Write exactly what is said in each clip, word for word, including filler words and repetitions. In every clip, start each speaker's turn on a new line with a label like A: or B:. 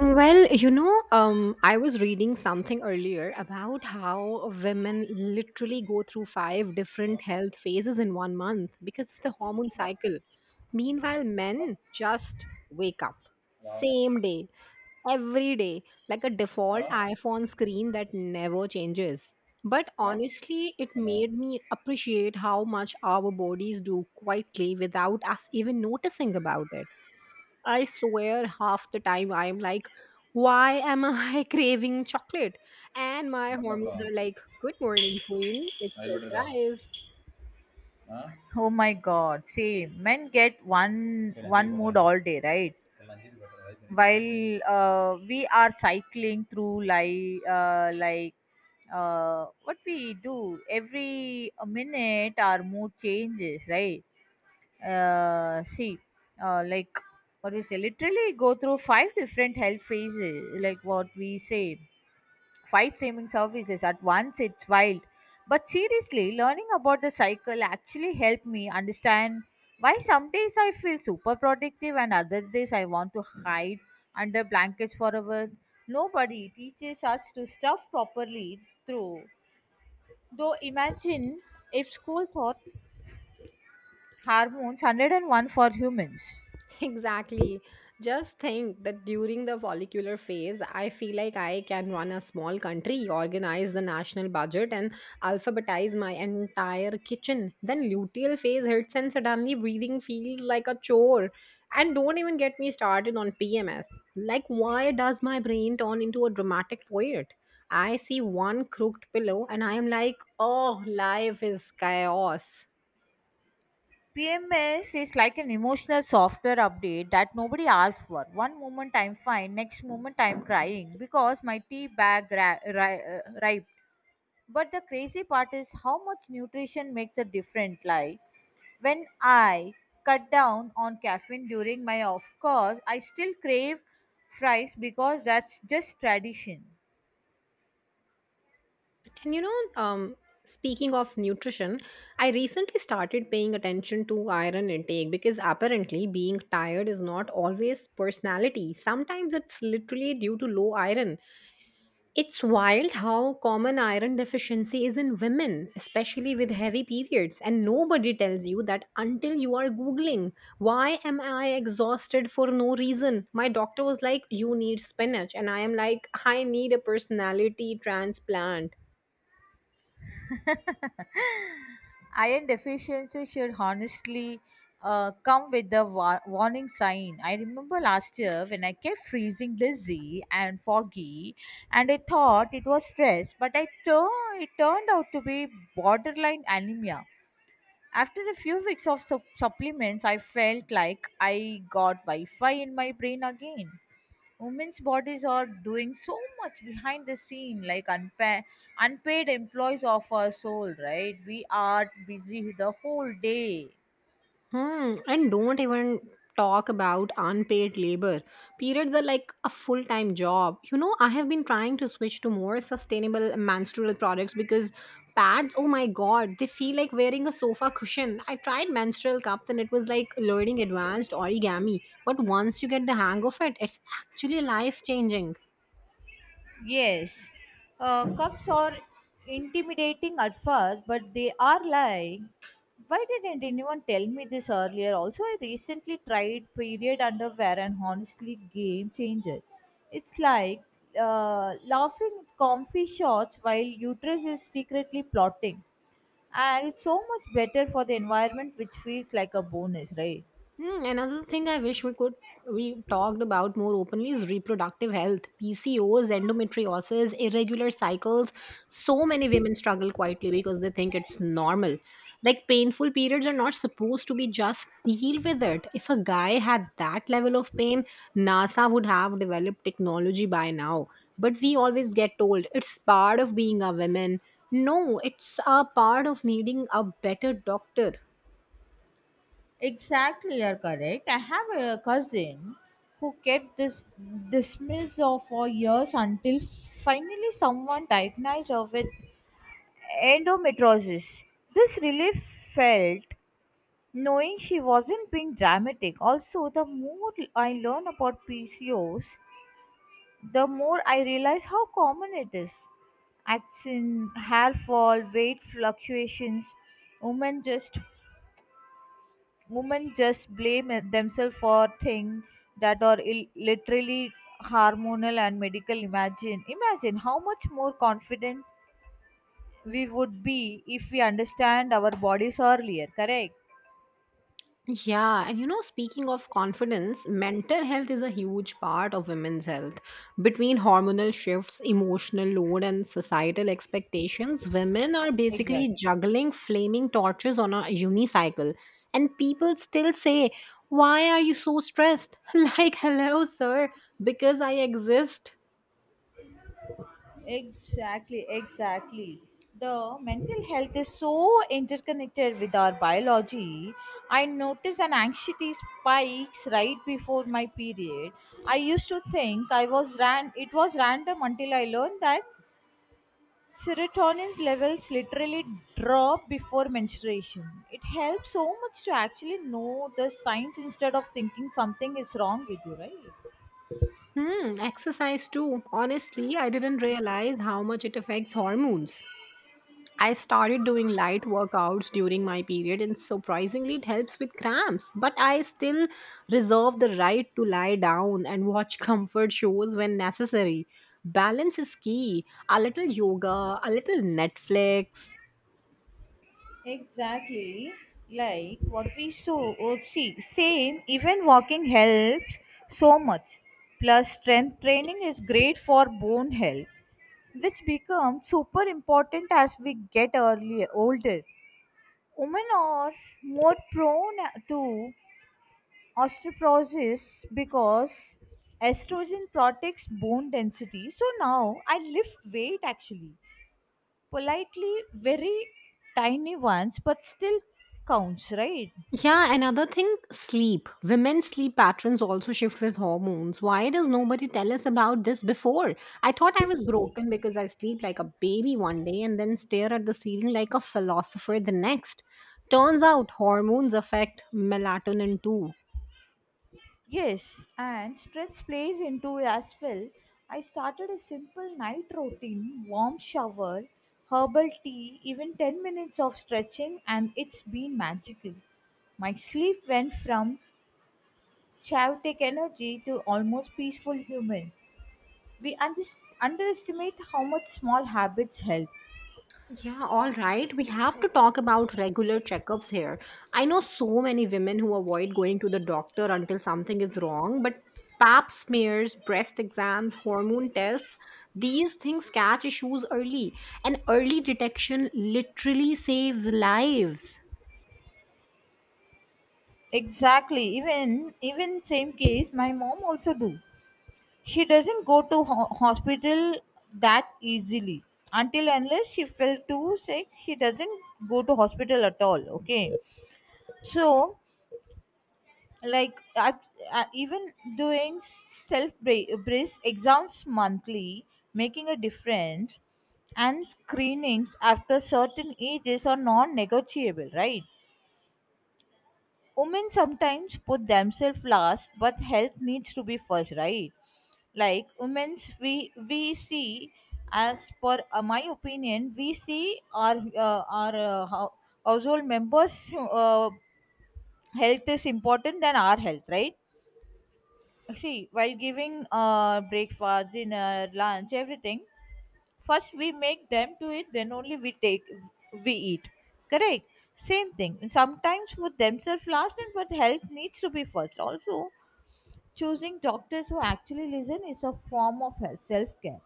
A: Well, you know, um, I was reading something earlier about how women literally go through five different health phases in one month because of the hormone cycle. Meanwhile, men just wake up same day, every day, like a default iPhone screen that never changes. But honestly, it made me appreciate how much our bodies do quietly without us even noticing about it. I swear half the time I am like, why am I craving chocolate? And my hormones are like, good morning, queen. It's surprise.
B: Oh my God. See, men get one one mood all day, right? While uh, we are cycling through like uh, like uh, what we do every minute, our mood changes, right? Uh, see, uh, like What we say, literally go through five different health phases, like what we say five streaming services at once, it's wild. But seriously, learning about the cycle actually helped me understand why some days I feel super productive and other days I want to hide under blankets forever. Nobody teaches us to stuff properly through though imagine if school taught hormones one oh one for humans.
A: Exactly. Just think that during the follicular phase, I feel like I can run a small country, organize the national budget, and alphabetize my entire kitchen. Then luteal phase hits, and suddenly breathing feels like a chore. And don't even get me started on P M S. Like, why does my brain turn into a dramatic poet? I see one crooked pillow, and I am like, oh, life is chaos.
B: P M S is like an emotional software update that nobody asks for. One moment I'm fine, next moment I'm crying because my tea bag ra- ri- uh, ripe. But the crazy part is how much nutrition makes a difference. Like when I cut down on caffeine during my off course, I still crave fries because that's just tradition.
A: And you know, um, Speaking of nutrition, I recently started paying attention to iron intake because apparently being tired is not always personality. Sometimes it's literally due to low iron. It's wild how common iron deficiency is in women, especially with heavy periods. And nobody tells you that until you are Googling, why am I exhausted for no reason? My doctor was like, you need spinach. And I am like, I need a personality transplant.
B: Iron deficiency should honestly uh, come with the wa- warning sign. I remember last year when I kept freezing, dizzy and foggy, and I thought it was stress, but I tur- it turned out to be borderline anemia. After a few weeks of sup- supplements, I felt like I got Wi Fi in my brain again. Women's bodies are doing so much behind the scene, like unpa- unpaid employees of our soul, right? We are busy the whole day.
A: Hmm, and don't even talk about unpaid labor. Periods are like a full time job. You know, I have been trying to switch to more sustainable menstrual products because pads, oh my god, they feel like wearing a sofa cushion. I tried menstrual cups and it was like learning advanced origami. But once you get the hang of it, it's actually life changing.
B: Yes, uh, cups are intimidating at first, but they are like, why didn't anyone tell me this earlier? Also, I recently tried period underwear and honestly, game changer. It's like uh, laughing at comfy shots while uterus is secretly plotting. And it's so much better for the environment, which feels like a bonus, right?
A: Hmm, another thing I wish we could we talked about more openly is reproductive health, P C Os, endometriosis, irregular cycles. So many women struggle quietly because they think it's normal. Like painful periods are not supposed to be just deal with it. If a guy had that level of pain, NASA would have developed technology by now. But we always get told it's part of being a woman. No, it's a part of needing a better doctor.
B: Exactly, you're correct. I have a cousin who kept this dismissed of for years until finally someone diagnosed her with endometriosis. This relief felt knowing she wasn't being dramatic. Also, the more I learn about P C Os, the more I realize how common it is. Action, hair fall, weight fluctuations. Women just women just blame themselves for things that are Ill- literally hormonal and medical. Imagine, imagine how much more confident we would be if we understand our bodies earlier. Correct?
A: Yeah, and you know, speaking of confidence, mental health is a huge part of women's health. Between hormonal shifts, emotional load, and societal expectations, women are basically
B: Exactly.
A: juggling flaming torches on a unicycle. And people still say, why are you so stressed? Like, hello, sir, because I exist.
B: Exactly, exactly. The mental health is so interconnected with our biology. I noticed an anxiety spikes right before my period. I used to think I was ran it was random until I learned that serotonin levels literally drop before menstruation. It helps so much to actually know the signs instead of thinking something is wrong with you, right?
A: Hmm, exercise too. Honestly, I didn't realize how much it affects hormones. I started doing light workouts during my period, and surprisingly, it helps with cramps. But I still reserve the right to lie down and watch comfort shows when necessary. Balance is key. A little yoga, a little Netflix.
B: Exactly. Like what we saw, oh, see, same, even walking helps so much. Plus, strength training is great for bone health, which becomes super important as we get earlier, older. Women are more prone to osteoporosis because estrogen protects bone density. So now I lift weight actually politely, very tiny ones, but still counts, right?
A: Yeah, another thing, sleep. Women's sleep patterns also shift with hormones. Why does nobody tell us about this before? I thought I was broken because I sleep like a baby one day and then stare at the ceiling like a philosopher the next. Turns out hormones affect melatonin too.
B: Yes, and stress plays into it as well. I started a simple night routine, warm shower, herbal tea, even ten minutes of stretching, and it's been magical. My sleep went from chaotic energy to almost peaceful human. We unders- underestimate how much small habits help.
A: Yeah, all right. We have to talk about regular checkups here. I know so many women who avoid going to the doctor until something is wrong, but pap smears, breast exams, hormone tests, these things catch issues early. And early detection literally saves lives.
B: Exactly. Even even same case, my mom also do. She doesn't go to ho- hospital that easily until unless she felt too sick. She doesn't go to hospital at all. Okay, so like I, I, even doing self brace exams monthly, making a difference, and screenings after certain ages are non-negotiable, right? Women sometimes put themselves last, but health needs to be first, right? Like women's, we we see, as per uh, my opinion, we see our uh, our uh, hou- household members uh, health is important than our health, right? See, while giving uh, breakfast, dinner, lunch, everything, first we make them to eat, then only we take we eat, correct? Same thing, and sometimes put themselves last and but health needs to be first also. Choosing doctors who actually listen is a form of health self-care.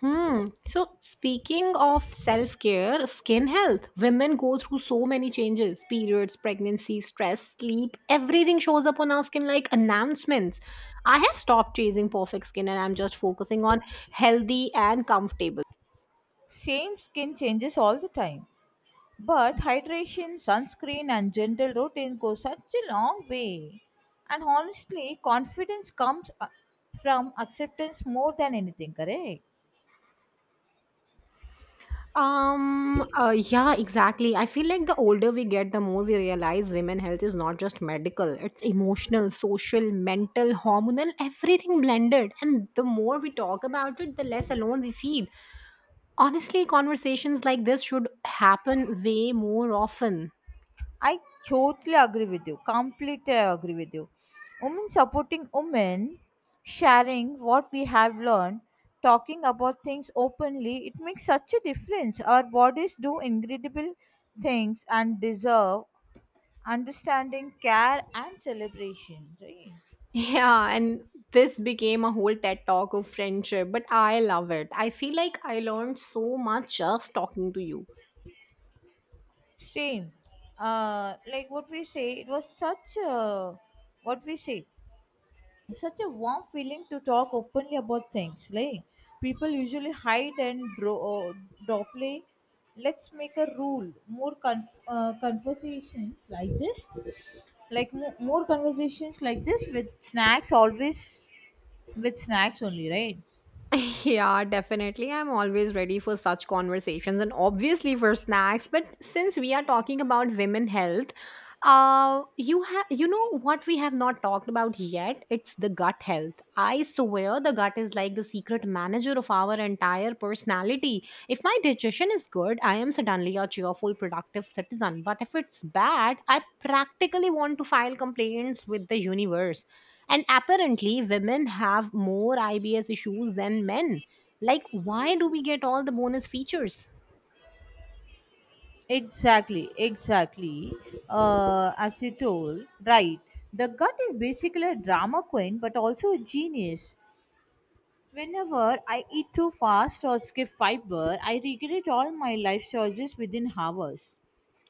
A: Hmm. So, speaking of self care, skin health, women go through so many changes, periods, pregnancy, stress, sleep. Everything shows up on our skin like announcements. I have stopped chasing perfect skin and I'm just focusing on healthy and comfortable.
B: Same, skin changes all the time, but hydration, sunscreen and gentle routine go such a long way. And honestly, confidence comes uh, from acceptance more than anything, correct?
A: Um, uh, yeah, exactly. I feel like the older we get, the more we realize women health is not just medical, it's emotional, social, mental, hormonal, everything blended. And the more we talk about it, the less alone we feel. Honestly, conversations like this should happen way more often.
B: I totally agree with you. Completely I agree with you. Women supporting women, sharing what we have learned, talking about things openly, it makes such a difference. Our bodies do incredible things and deserve understanding, care, and celebration. Right?
A: Yeah, and this became a whole TED talk of friendship, but I love it. I feel like I learned so much just talking to you.
B: Same. Uh, like what we say, it was such a what we say. It's such a warm feeling to talk openly about things like people usually hide and dro- dopply. Let's make a rule, more conf- uh, conversations like this, like mo- more conversations like this with snacks always, with snacks only, right?
A: Yeah, definitely. I'm always ready for such conversations and obviously for snacks. But since we are talking about women health, uh you have, you know what we have not talked about yet? It's the gut health. I swear the gut is like the secret manager of our entire personality. If my digestion is good, I am suddenly a cheerful, productive citizen. But if it's bad, I practically want to file complaints with the universe. And apparently, women have more I B S issues than men. Like, why do we get all the bonus features?
B: Exactly, exactly. Uh, as you told, right, the gut is basically a drama queen but also a genius. Whenever I eat too fast or skip fiber, I regret all my life choices within hours.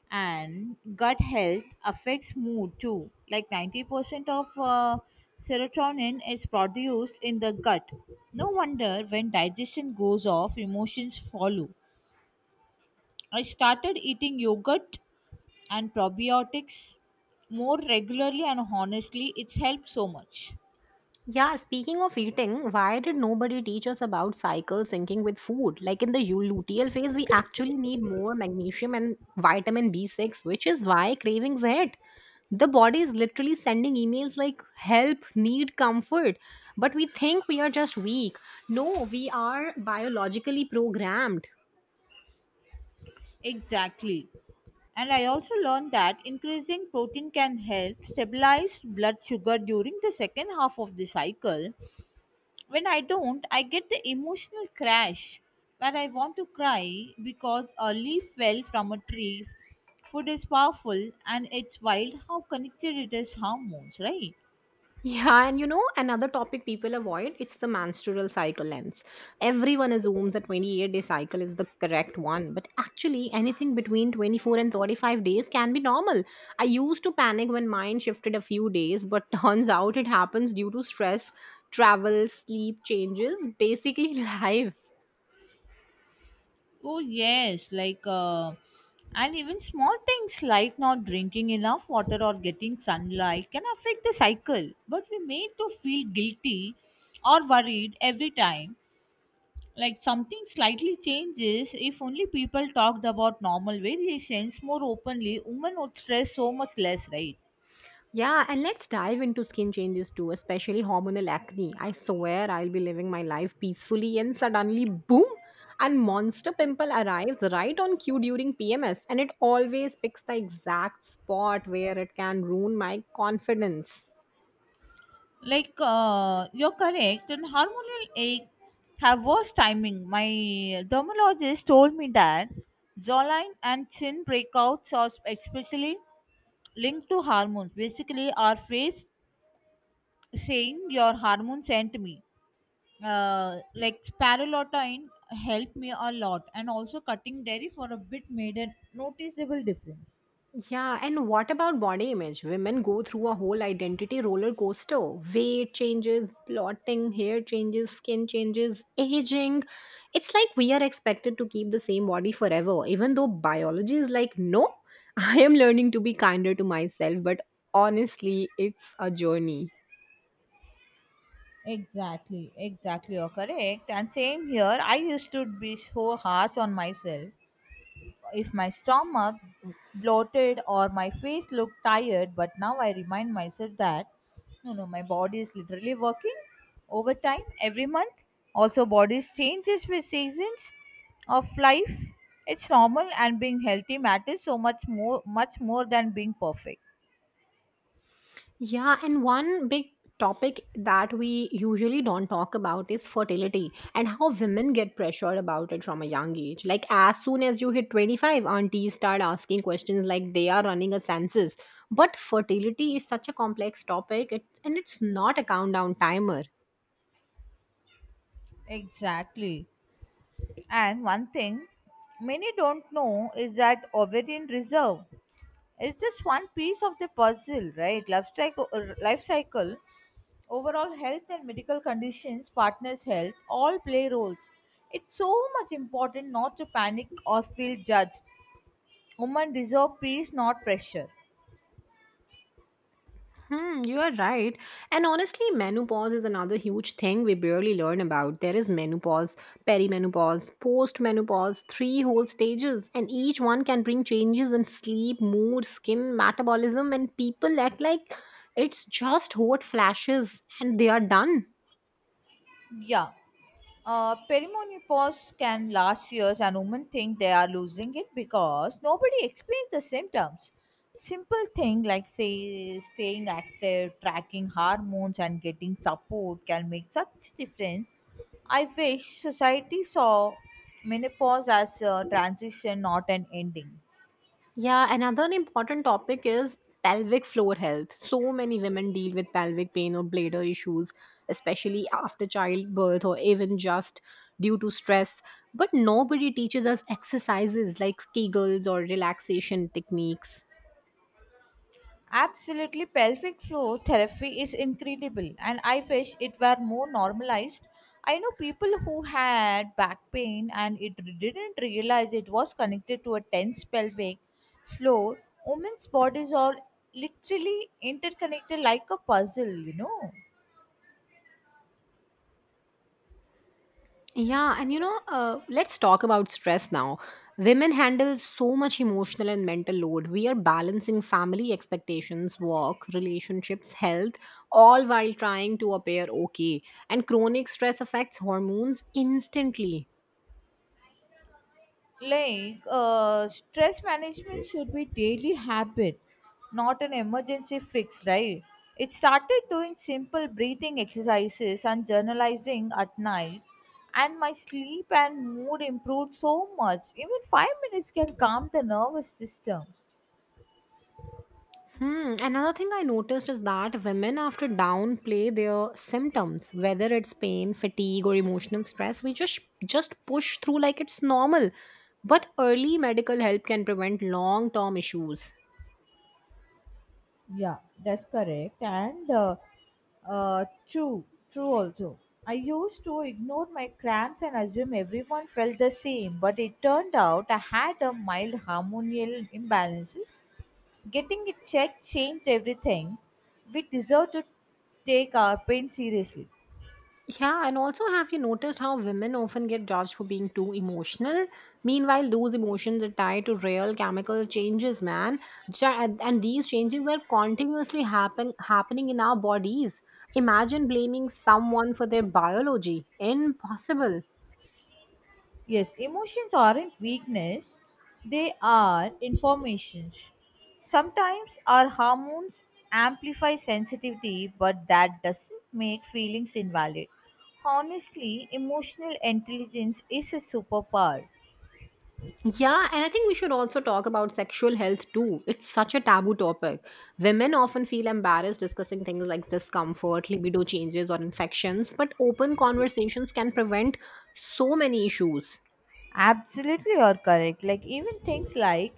B: And gut health affects mood too. Like ninety percent of uh, serotonin is produced in the gut. No wonder when digestion goes off, emotions follow. I started eating yogurt and probiotics more regularly and honestly, it's helped so much.
A: Yeah, speaking of eating, why did nobody teach us about cycle syncing with food? Like in the u- luteal phase, we actually need more magnesium and vitamin B six, which is why cravings hit. The body is literally sending emails like help, need comfort. But we think we are just weak. No, we are biologically programmed.
B: Exactly. And I also learned that increasing protein can help stabilize blood sugar during the second half of the cycle. When I don't, I get the emotional crash where I want to cry because a leaf fell from a tree. Food is powerful, and it's wild how connected it is hormones, right?
A: Yeah, and you know, another topic people avoid, it's the menstrual cycle lengths. Everyone assumes that twenty-eight day cycle is the correct one, but actually anything between twenty-four and thirty-five days can be normal. I used to panic when mine shifted a few days, but turns out it happens due to stress, travel, sleep changes, basically life.
B: Oh, yes, like, uh, and even small things like not drinking enough water or getting sunlight can affect the cycle. But we made to feel guilty or worried every time. Like something slightly changes, if only people talked about normal variations more openly, women would stress so much less, right?
A: Yeah, and let's dive into skin changes too, especially hormonal acne. I swear I'll be living my life peacefully and suddenly boom, and monster pimple arrives right on cue during P M S and it always picks the exact spot where it can ruin my confidence.
B: Like uh, you're correct, and hormonal aches have worse timing. My dermatologist told me that jawline and chin breakouts are especially linked to hormones, basically our face saying your hormones sent me. Uh, like, spirulotine helped me a lot, and also cutting dairy for a bit made a noticeable difference.
A: Yeah, and what about body image? Women go through a whole identity roller coaster. Weight changes, blotting, hair changes, skin changes, aging. It's like we are expected to keep the same body forever, even though biology is like, no, I am learning to be kinder to myself, but honestly, it's a journey.
B: Exactly, exactly, you're correct. And same here, I used to be so harsh on myself. If my stomach bloated or my face looked tired, but now I remind myself that no no my body is literally working overtime every month. Also, bodies changes with seasons of life, it's normal, and being healthy matters so much more much more than being perfect.
A: Yeah, and one big topic that we usually don't talk about is fertility and how women get pressured about it from a young age. Like, as soon as you hit twenty-five, aunties start asking questions like they are running a census. But fertility is such a complex topic, it's, and it's not a countdown timer.
B: Exactly, and one thing many don't know is that ovarian reserve, it's just one piece of the puzzle, right? Life cycle, uh, life cycle overall health and medical conditions, partners' health, all play roles. It's so much important not to panic or feel judged. Women deserve peace, not pressure.
A: Hmm, you are right. And honestly, menopause is another huge thing we barely learn about. There is menopause, perimenopause, postmenopause, three whole stages, and each one can bring changes in sleep, mood, skin, metabolism, and people act like it's just hot flashes and they are done.
B: Yeah. Uh, perimenopause can last years, and women think they are losing it because nobody explains the symptoms. Simple thing like say staying active, tracking hormones, and getting support can make such difference. I wish society saw menopause as a transition, not an ending.
A: Yeah, another important topic is pelvic floor health. So many women deal with pelvic pain or bladder issues, especially after childbirth or even just due to stress. But nobody teaches us exercises like Kegels or relaxation techniques.
B: Absolutely, pelvic floor therapy is incredible, and I wish it were more normalized. I know people who had back pain and it didn't realize it was connected to a tense pelvic floor. Women's bodies are literally interconnected like a puzzle, you know.
A: Yeah, and you know, uh, let's talk about stress now. Women handle so much emotional and mental load. We are balancing family expectations, work, relationships, health, all while trying to appear okay. And chronic stress affects hormones instantly.
B: Like uh, stress management should be daily habit, not an emergency fix, right? It started doing simple breathing exercises and journalizing at night, and my sleep and mood improved so much. Even five minutes can calm the nervous system.
A: Hmm. Another thing I noticed is that women, after downplay their symptoms, whether it's pain, fatigue, or emotional stress, we just just push through like it's normal. But early medical help can prevent long term issues.
B: Yeah, that's correct. And uh, uh, true, true also. I used to ignore my cramps and assume everyone felt the same, but it turned out I had a mild hormonal imbalances. Getting it checked changed everything. We deserve to take our pain seriously.
A: Yeah, and also have you noticed how women often get judged for being too emotional? Meanwhile, those emotions are tied to real chemical changes, man. Ja- And these changes are continuously happen- happening in our bodies. Imagine blaming someone for their biology. Impossible.
B: Yes, emotions aren't weakness, they are informations. Sometimes our hormones amplify sensitivity, but that doesn't make feelings invalid. Honestly, emotional intelligence is a superpower.
A: Yeah, and I think we should also talk about sexual health too. It's such a taboo topic. Women often feel embarrassed discussing things like discomfort, libido changes, or infections, but open conversations can prevent so many issues.
B: Absolutely, you're correct. Like even things like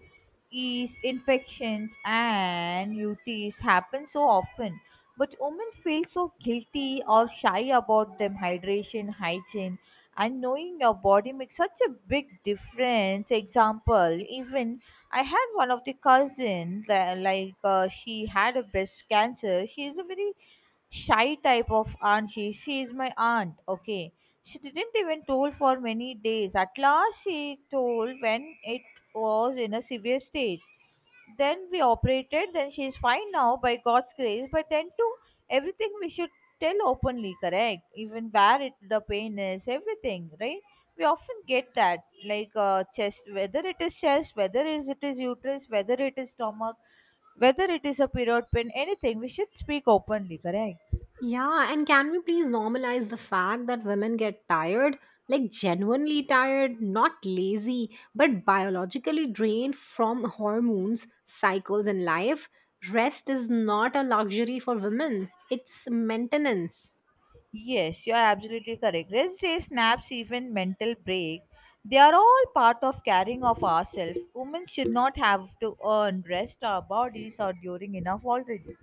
B: yeast infections and U Ts happen so often, but women feel so guilty or shy about them. Hydration, hygiene, and knowing your body makes such a big difference. Example, even I had one of the cousin that like uh, she had a breast cancer. She is a very shy type of aunt, she She is my aunt, okay. She didn't even told for many days. At last she told when it was in a severe stage. Then we operated, then she is fine now by God's grace. But then too, everything we should tell openly, correct? Even where it, the pain is, everything, right? We often get that, like uh, chest, whether it is chest, whether is it is uterus, whether it is stomach, whether it is a period pain, anything. We should speak openly, correct?
A: Yeah, and can we please normalize the fact that women get tired, like genuinely tired, not lazy, but biologically drained from hormones, cycles, and life? Rest is not a luxury for women, it's maintenance.
B: Yes, you are absolutely correct. Rest days, naps, even mental breaks, they are all part of caring of ourselves. Women should not have to earn rest, our bodies are during enough already.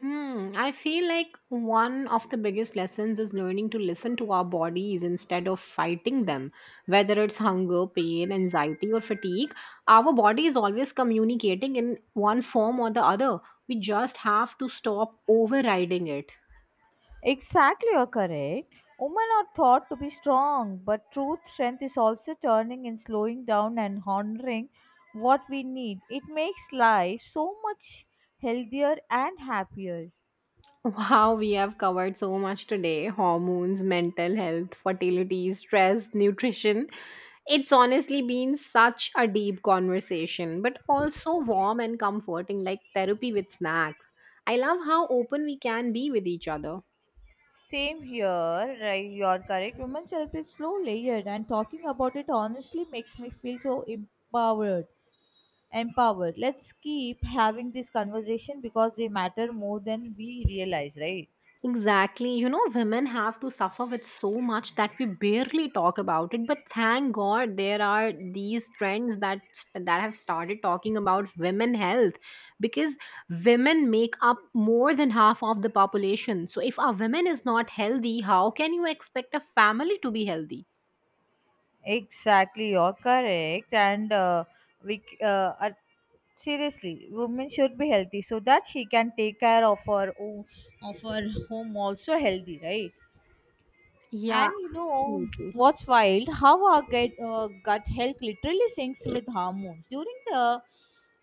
A: Hmm, I feel like one of the biggest lessons is learning to listen to our bodies instead of fighting them. Whether it's hunger, pain, anxiety, or fatigue, our body is always communicating in one form or the other. We just have to stop overriding it.
B: Exactly, you're correct. Women are thought to be strong, but true strength is also turning and slowing down and honoring what we need. It makes life so much healthier and happier.
A: Wow, we have covered so much today, hormones, mental health, fertility, stress, nutrition. It's honestly been such a deep conversation, but also warm and comforting, like therapy with snacks. I love how open we can be with each other.
B: Same here, right? You're correct. Women's health is slow layered, and talking about it honestly makes me feel so empowered. Empowered. Let's keep having this conversation because they matter more than we realize, right?
A: Exactly. You know, women have to suffer with so much that we barely talk about it. But thank God there are these trends that that have started talking about women health because women make up more than half of the population. So if a woman is not healthy, how can you expect a family to be healthy?
B: Exactly, you're correct. And uh, we, c- uh, at- seriously, women should be healthy so that she can take care of her own, of her home also healthy, right?
A: Yeah,
B: And you know
A: absolutely.
B: what's wild? How our gut, uh, gut health literally syncs with hormones. During the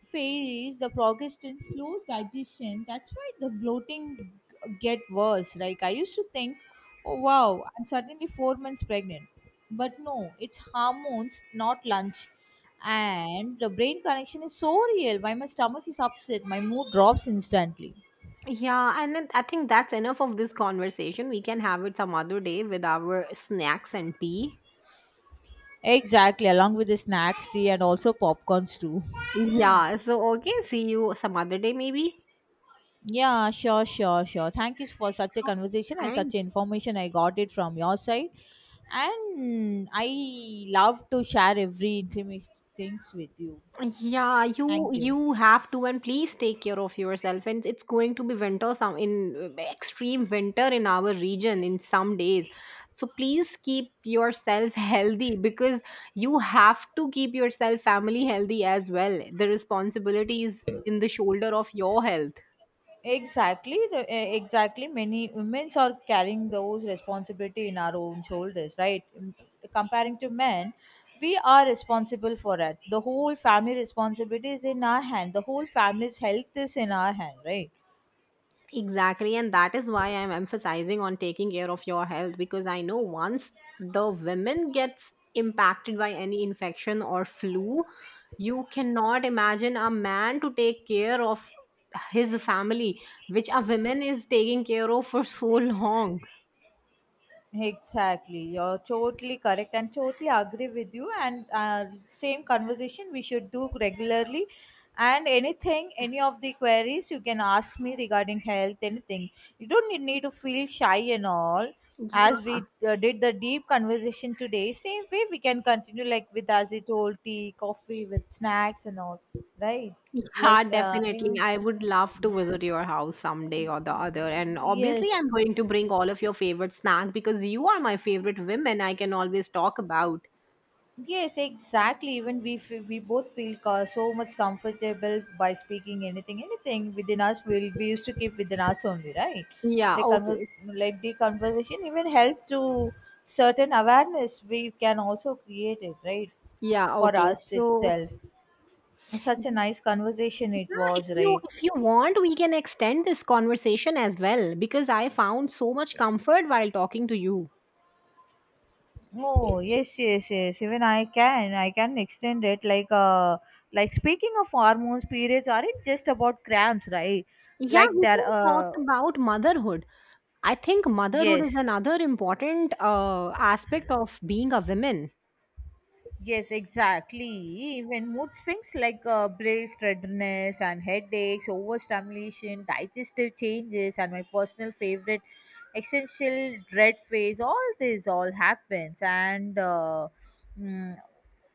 B: phase, the progestin slows digestion. That's why the bloating g- get worse. Like I used to think, oh wow, I'm suddenly four months pregnant. But no, it's hormones, not lunch. And the brain connection is so real. Why my stomach is upset, my mood drops instantly.
A: Yeah, and it- I think that's enough of this conversation. We can have it some other day with our snacks and tea.
B: Exactly, along with the snacks, tea, and also popcorns too.
A: Yeah, so okay, see you some other day maybe.
B: Yeah, sure, sure, sure. Thank you for such a
A: Oh,
B: conversation and
A: thank—
B: such information. I got it from your side. And I love to share every intimate things with you.
A: Yeah, you
B: Thank you.
A: you have to and please take care of yourself. And it's going to be winter some in uh, extreme winter in our region in some days. So please keep yourself healthy because you have to keep yourself family healthy as well. The responsibility is in the shoulder of your health.
B: Exactly, the, eh, exactly. Many women are carrying those responsibility in our own shoulders, right? Mm, comparing to men, we are responsible for it. The whole family responsibility is in our hand. The whole family's health is in our hand, right?
A: Exactly, and that is why I'm emphasizing on taking care of your health because I know once the women gets impacted by any infection or flu, you cannot imagine a man to take care of his family, which a woman is taking care of for so long.
B: Exactly, you're totally correct and totally agree with you. And uh, same conversation we should do regularly. And anything, any of the queries you can ask me regarding health, anything. You don't need, need to feel shy and all. As we uh, did the deep conversation today, same way we can continue like with as it told tea, coffee, with snacks and all, right?
A: Yeah,
B: Like, uh,
A: definitely.
B: in,
A: I would love to visit your house someday or the other. And obviously, I'm
B: yes.
A: going to bring all of your favorite snack because you are my favorite women I can always talk about.
B: Yes, exactly. Even we f- we both feel co- so much comfortable by speaking anything, anything within us. We we used to keep within us only, right?
A: Yeah,
B: Like
A: okay.
B: conver- like the conversation even help to certain awareness we can also create it, right?
A: Yeah,
B: For
A: okay.
B: us
A: So,
B: itself, such a
A: yeah,
B: nice conversation it
A: if
B: was,
A: you
B: right?
A: if you want, we can extend this conversation as well because I found so much comfort while talking to you.
B: Oh yes, yes, yes. Even I can, I can extend it. Like, uh, like speaking of hormones, periods aren't just about cramps, right?
A: Yeah,
B: Like
A: we
B: that.
A: can talk
B: Uh,
A: about motherhood. I think motherhood is
B: yes.
A: another important uh, aspect of being a woman.
B: Yes, exactly. When mood swings like uh, blazed redness and headaches, overstimulation, digestive changes, and my personal favorite, essential dread phase, all this all happens. And uh, mm,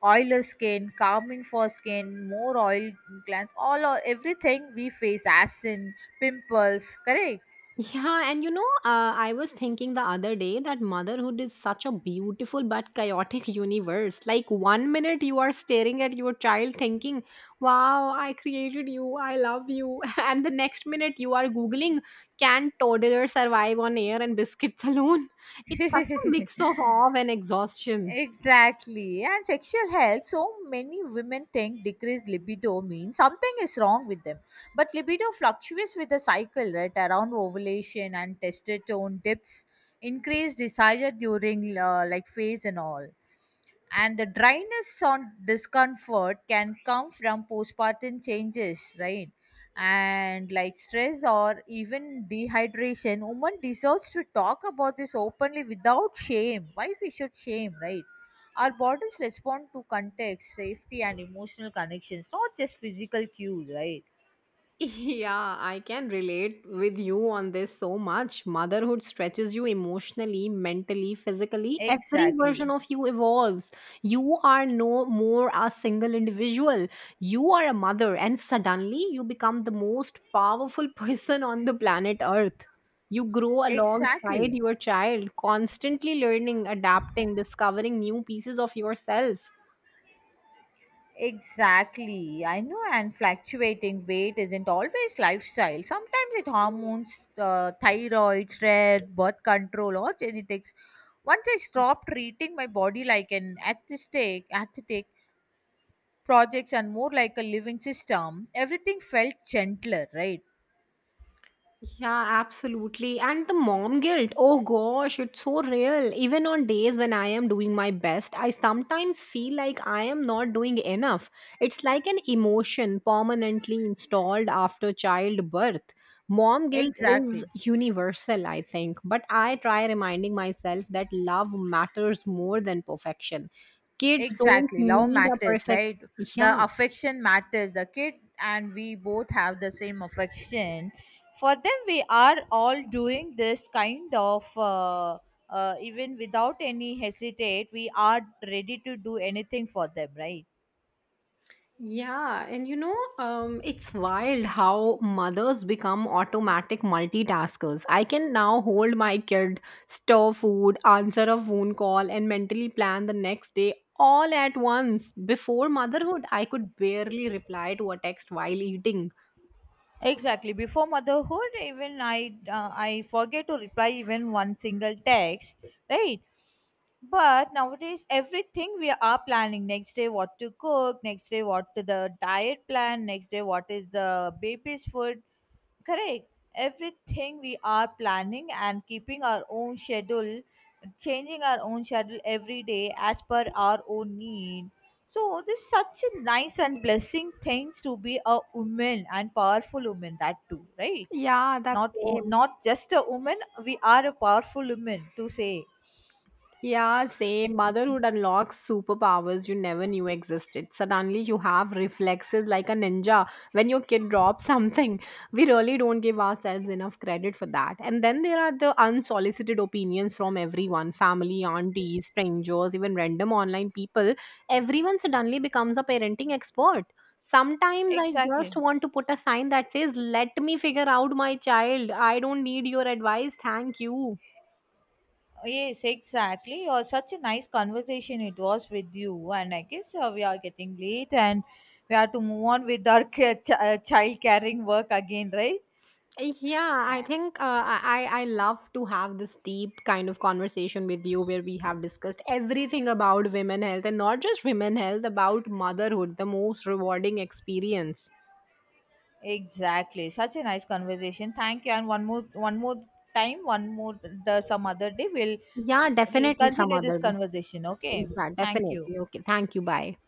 B: oiler skin, calming for skin, more oil glands, all or everything we face, as in pimples, correct?
A: Yeah, and you know, uh, I was thinking the other day that motherhood is such a beautiful but chaotic universe. Like, one minute you are staring at your child thinking, wow, I created you, I love you. And the next minute you are Googling, can toddlers survive on air and biscuits alone? It's such a mix of awe and exhaustion.
B: Exactly. And sexual health, so many women think decreased libido means something is wrong with them. But libido fluctuates with the cycle, right? Around ovulation and testosterone dips, increased desire during uh, like phase and all. And the dryness on discomfort can come from postpartum changes, right? And like stress or even dehydration, woman deserves to talk about this openly without shame. Why we should shame, right? Our bodies respond to context, safety, and emotional connections, not just physical cues, right?
A: Yeah, I can relate with you on this so much. Motherhood stretches you emotionally, mentally, physically. Every version
B: Exactly.
A: of you evolves. You are no more a single individual. You are a mother, and suddenly you become the most powerful person on the planet Earth. You grow alongside
B: Exactly.
A: your child, constantly learning, adapting, discovering new pieces of yourself.
B: Exactly. I know, and fluctuating weight isn't always lifestyle. Sometimes it hormones, uh, thyroid, stress, birth control, or genetics. Once I stopped treating my body like an aesthetic, aesthetic projects and more like a living system, everything felt gentler, right?
A: Yeah, absolutely. And the mom guilt, oh gosh, it's so real. Even on days when I am doing my best, I sometimes feel like I am not doing enough. It's like an emotion permanently installed after childbirth. Mom guilt is
B: Exactly.
A: universal, I think, but I try reminding myself that love matters more than perfection. Kids don't
B: Exactly. Love
A: need a
B: matters,
A: perfect
B: right?
A: yeah.
B: The affection matters. The kid and we both have the same affection. For them, we are all doing this kind of, uh, uh, even without any hesitate, we are ready to do anything for them, right?
A: Yeah, and you know, um, it's wild how mothers become automatic multitaskers. I can now hold my kid, store food, answer a phone call, and mentally plan the next day all at once. Before motherhood, I could barely reply to a text while eating.
B: Exactly. Before motherhood, even I uh, I forget to reply even one single text, right? But nowadays, everything we are planning next day what to cook, next day what to the diet plan, next day what is the baby's food. Correct. Everything we are planning and keeping our own schedule, changing our own schedule every day as per our own need. So this is such a nice and blessing things to be a woman and powerful woman that too, right?
A: Yeah, that's
B: Not o-
A: same.
B: not just a woman, we are a powerful woman to say.
A: Yeah, same. Motherhood unlocks superpowers you never knew existed. Suddenly, you have reflexes like a ninja when your kid drops something. We really don't give ourselves enough credit for that. And then there are the unsolicited opinions from everyone family, aunties, strangers, even random online people. Everyone suddenly becomes a parenting expert. Sometimes I
B: Exactly.
A: just want to put a sign that says, let me figure out my child. I don't need your advice. Thank you.
B: Yes, exactly. Or such a nice conversation it was with you, and I guess uh, we are getting late, and we have to move on with our ca- ch- uh, child caring work again, right?
A: Yeah, I think uh, I I I love to have this deep kind of conversation with you where we have discussed everything about women health and not just women health, about motherhood, the most rewarding experience.
B: Exactly. Such a nice conversation. Thank you. And one more, one more time, one more the some other day, we'll,
A: Yeah,
B: we'll
A: definitely some
B: continue this
A: other.
B: conversation. Okay.
A: Yeah,
B: Thank you.
A: definitely. Okay, thank you. Bye.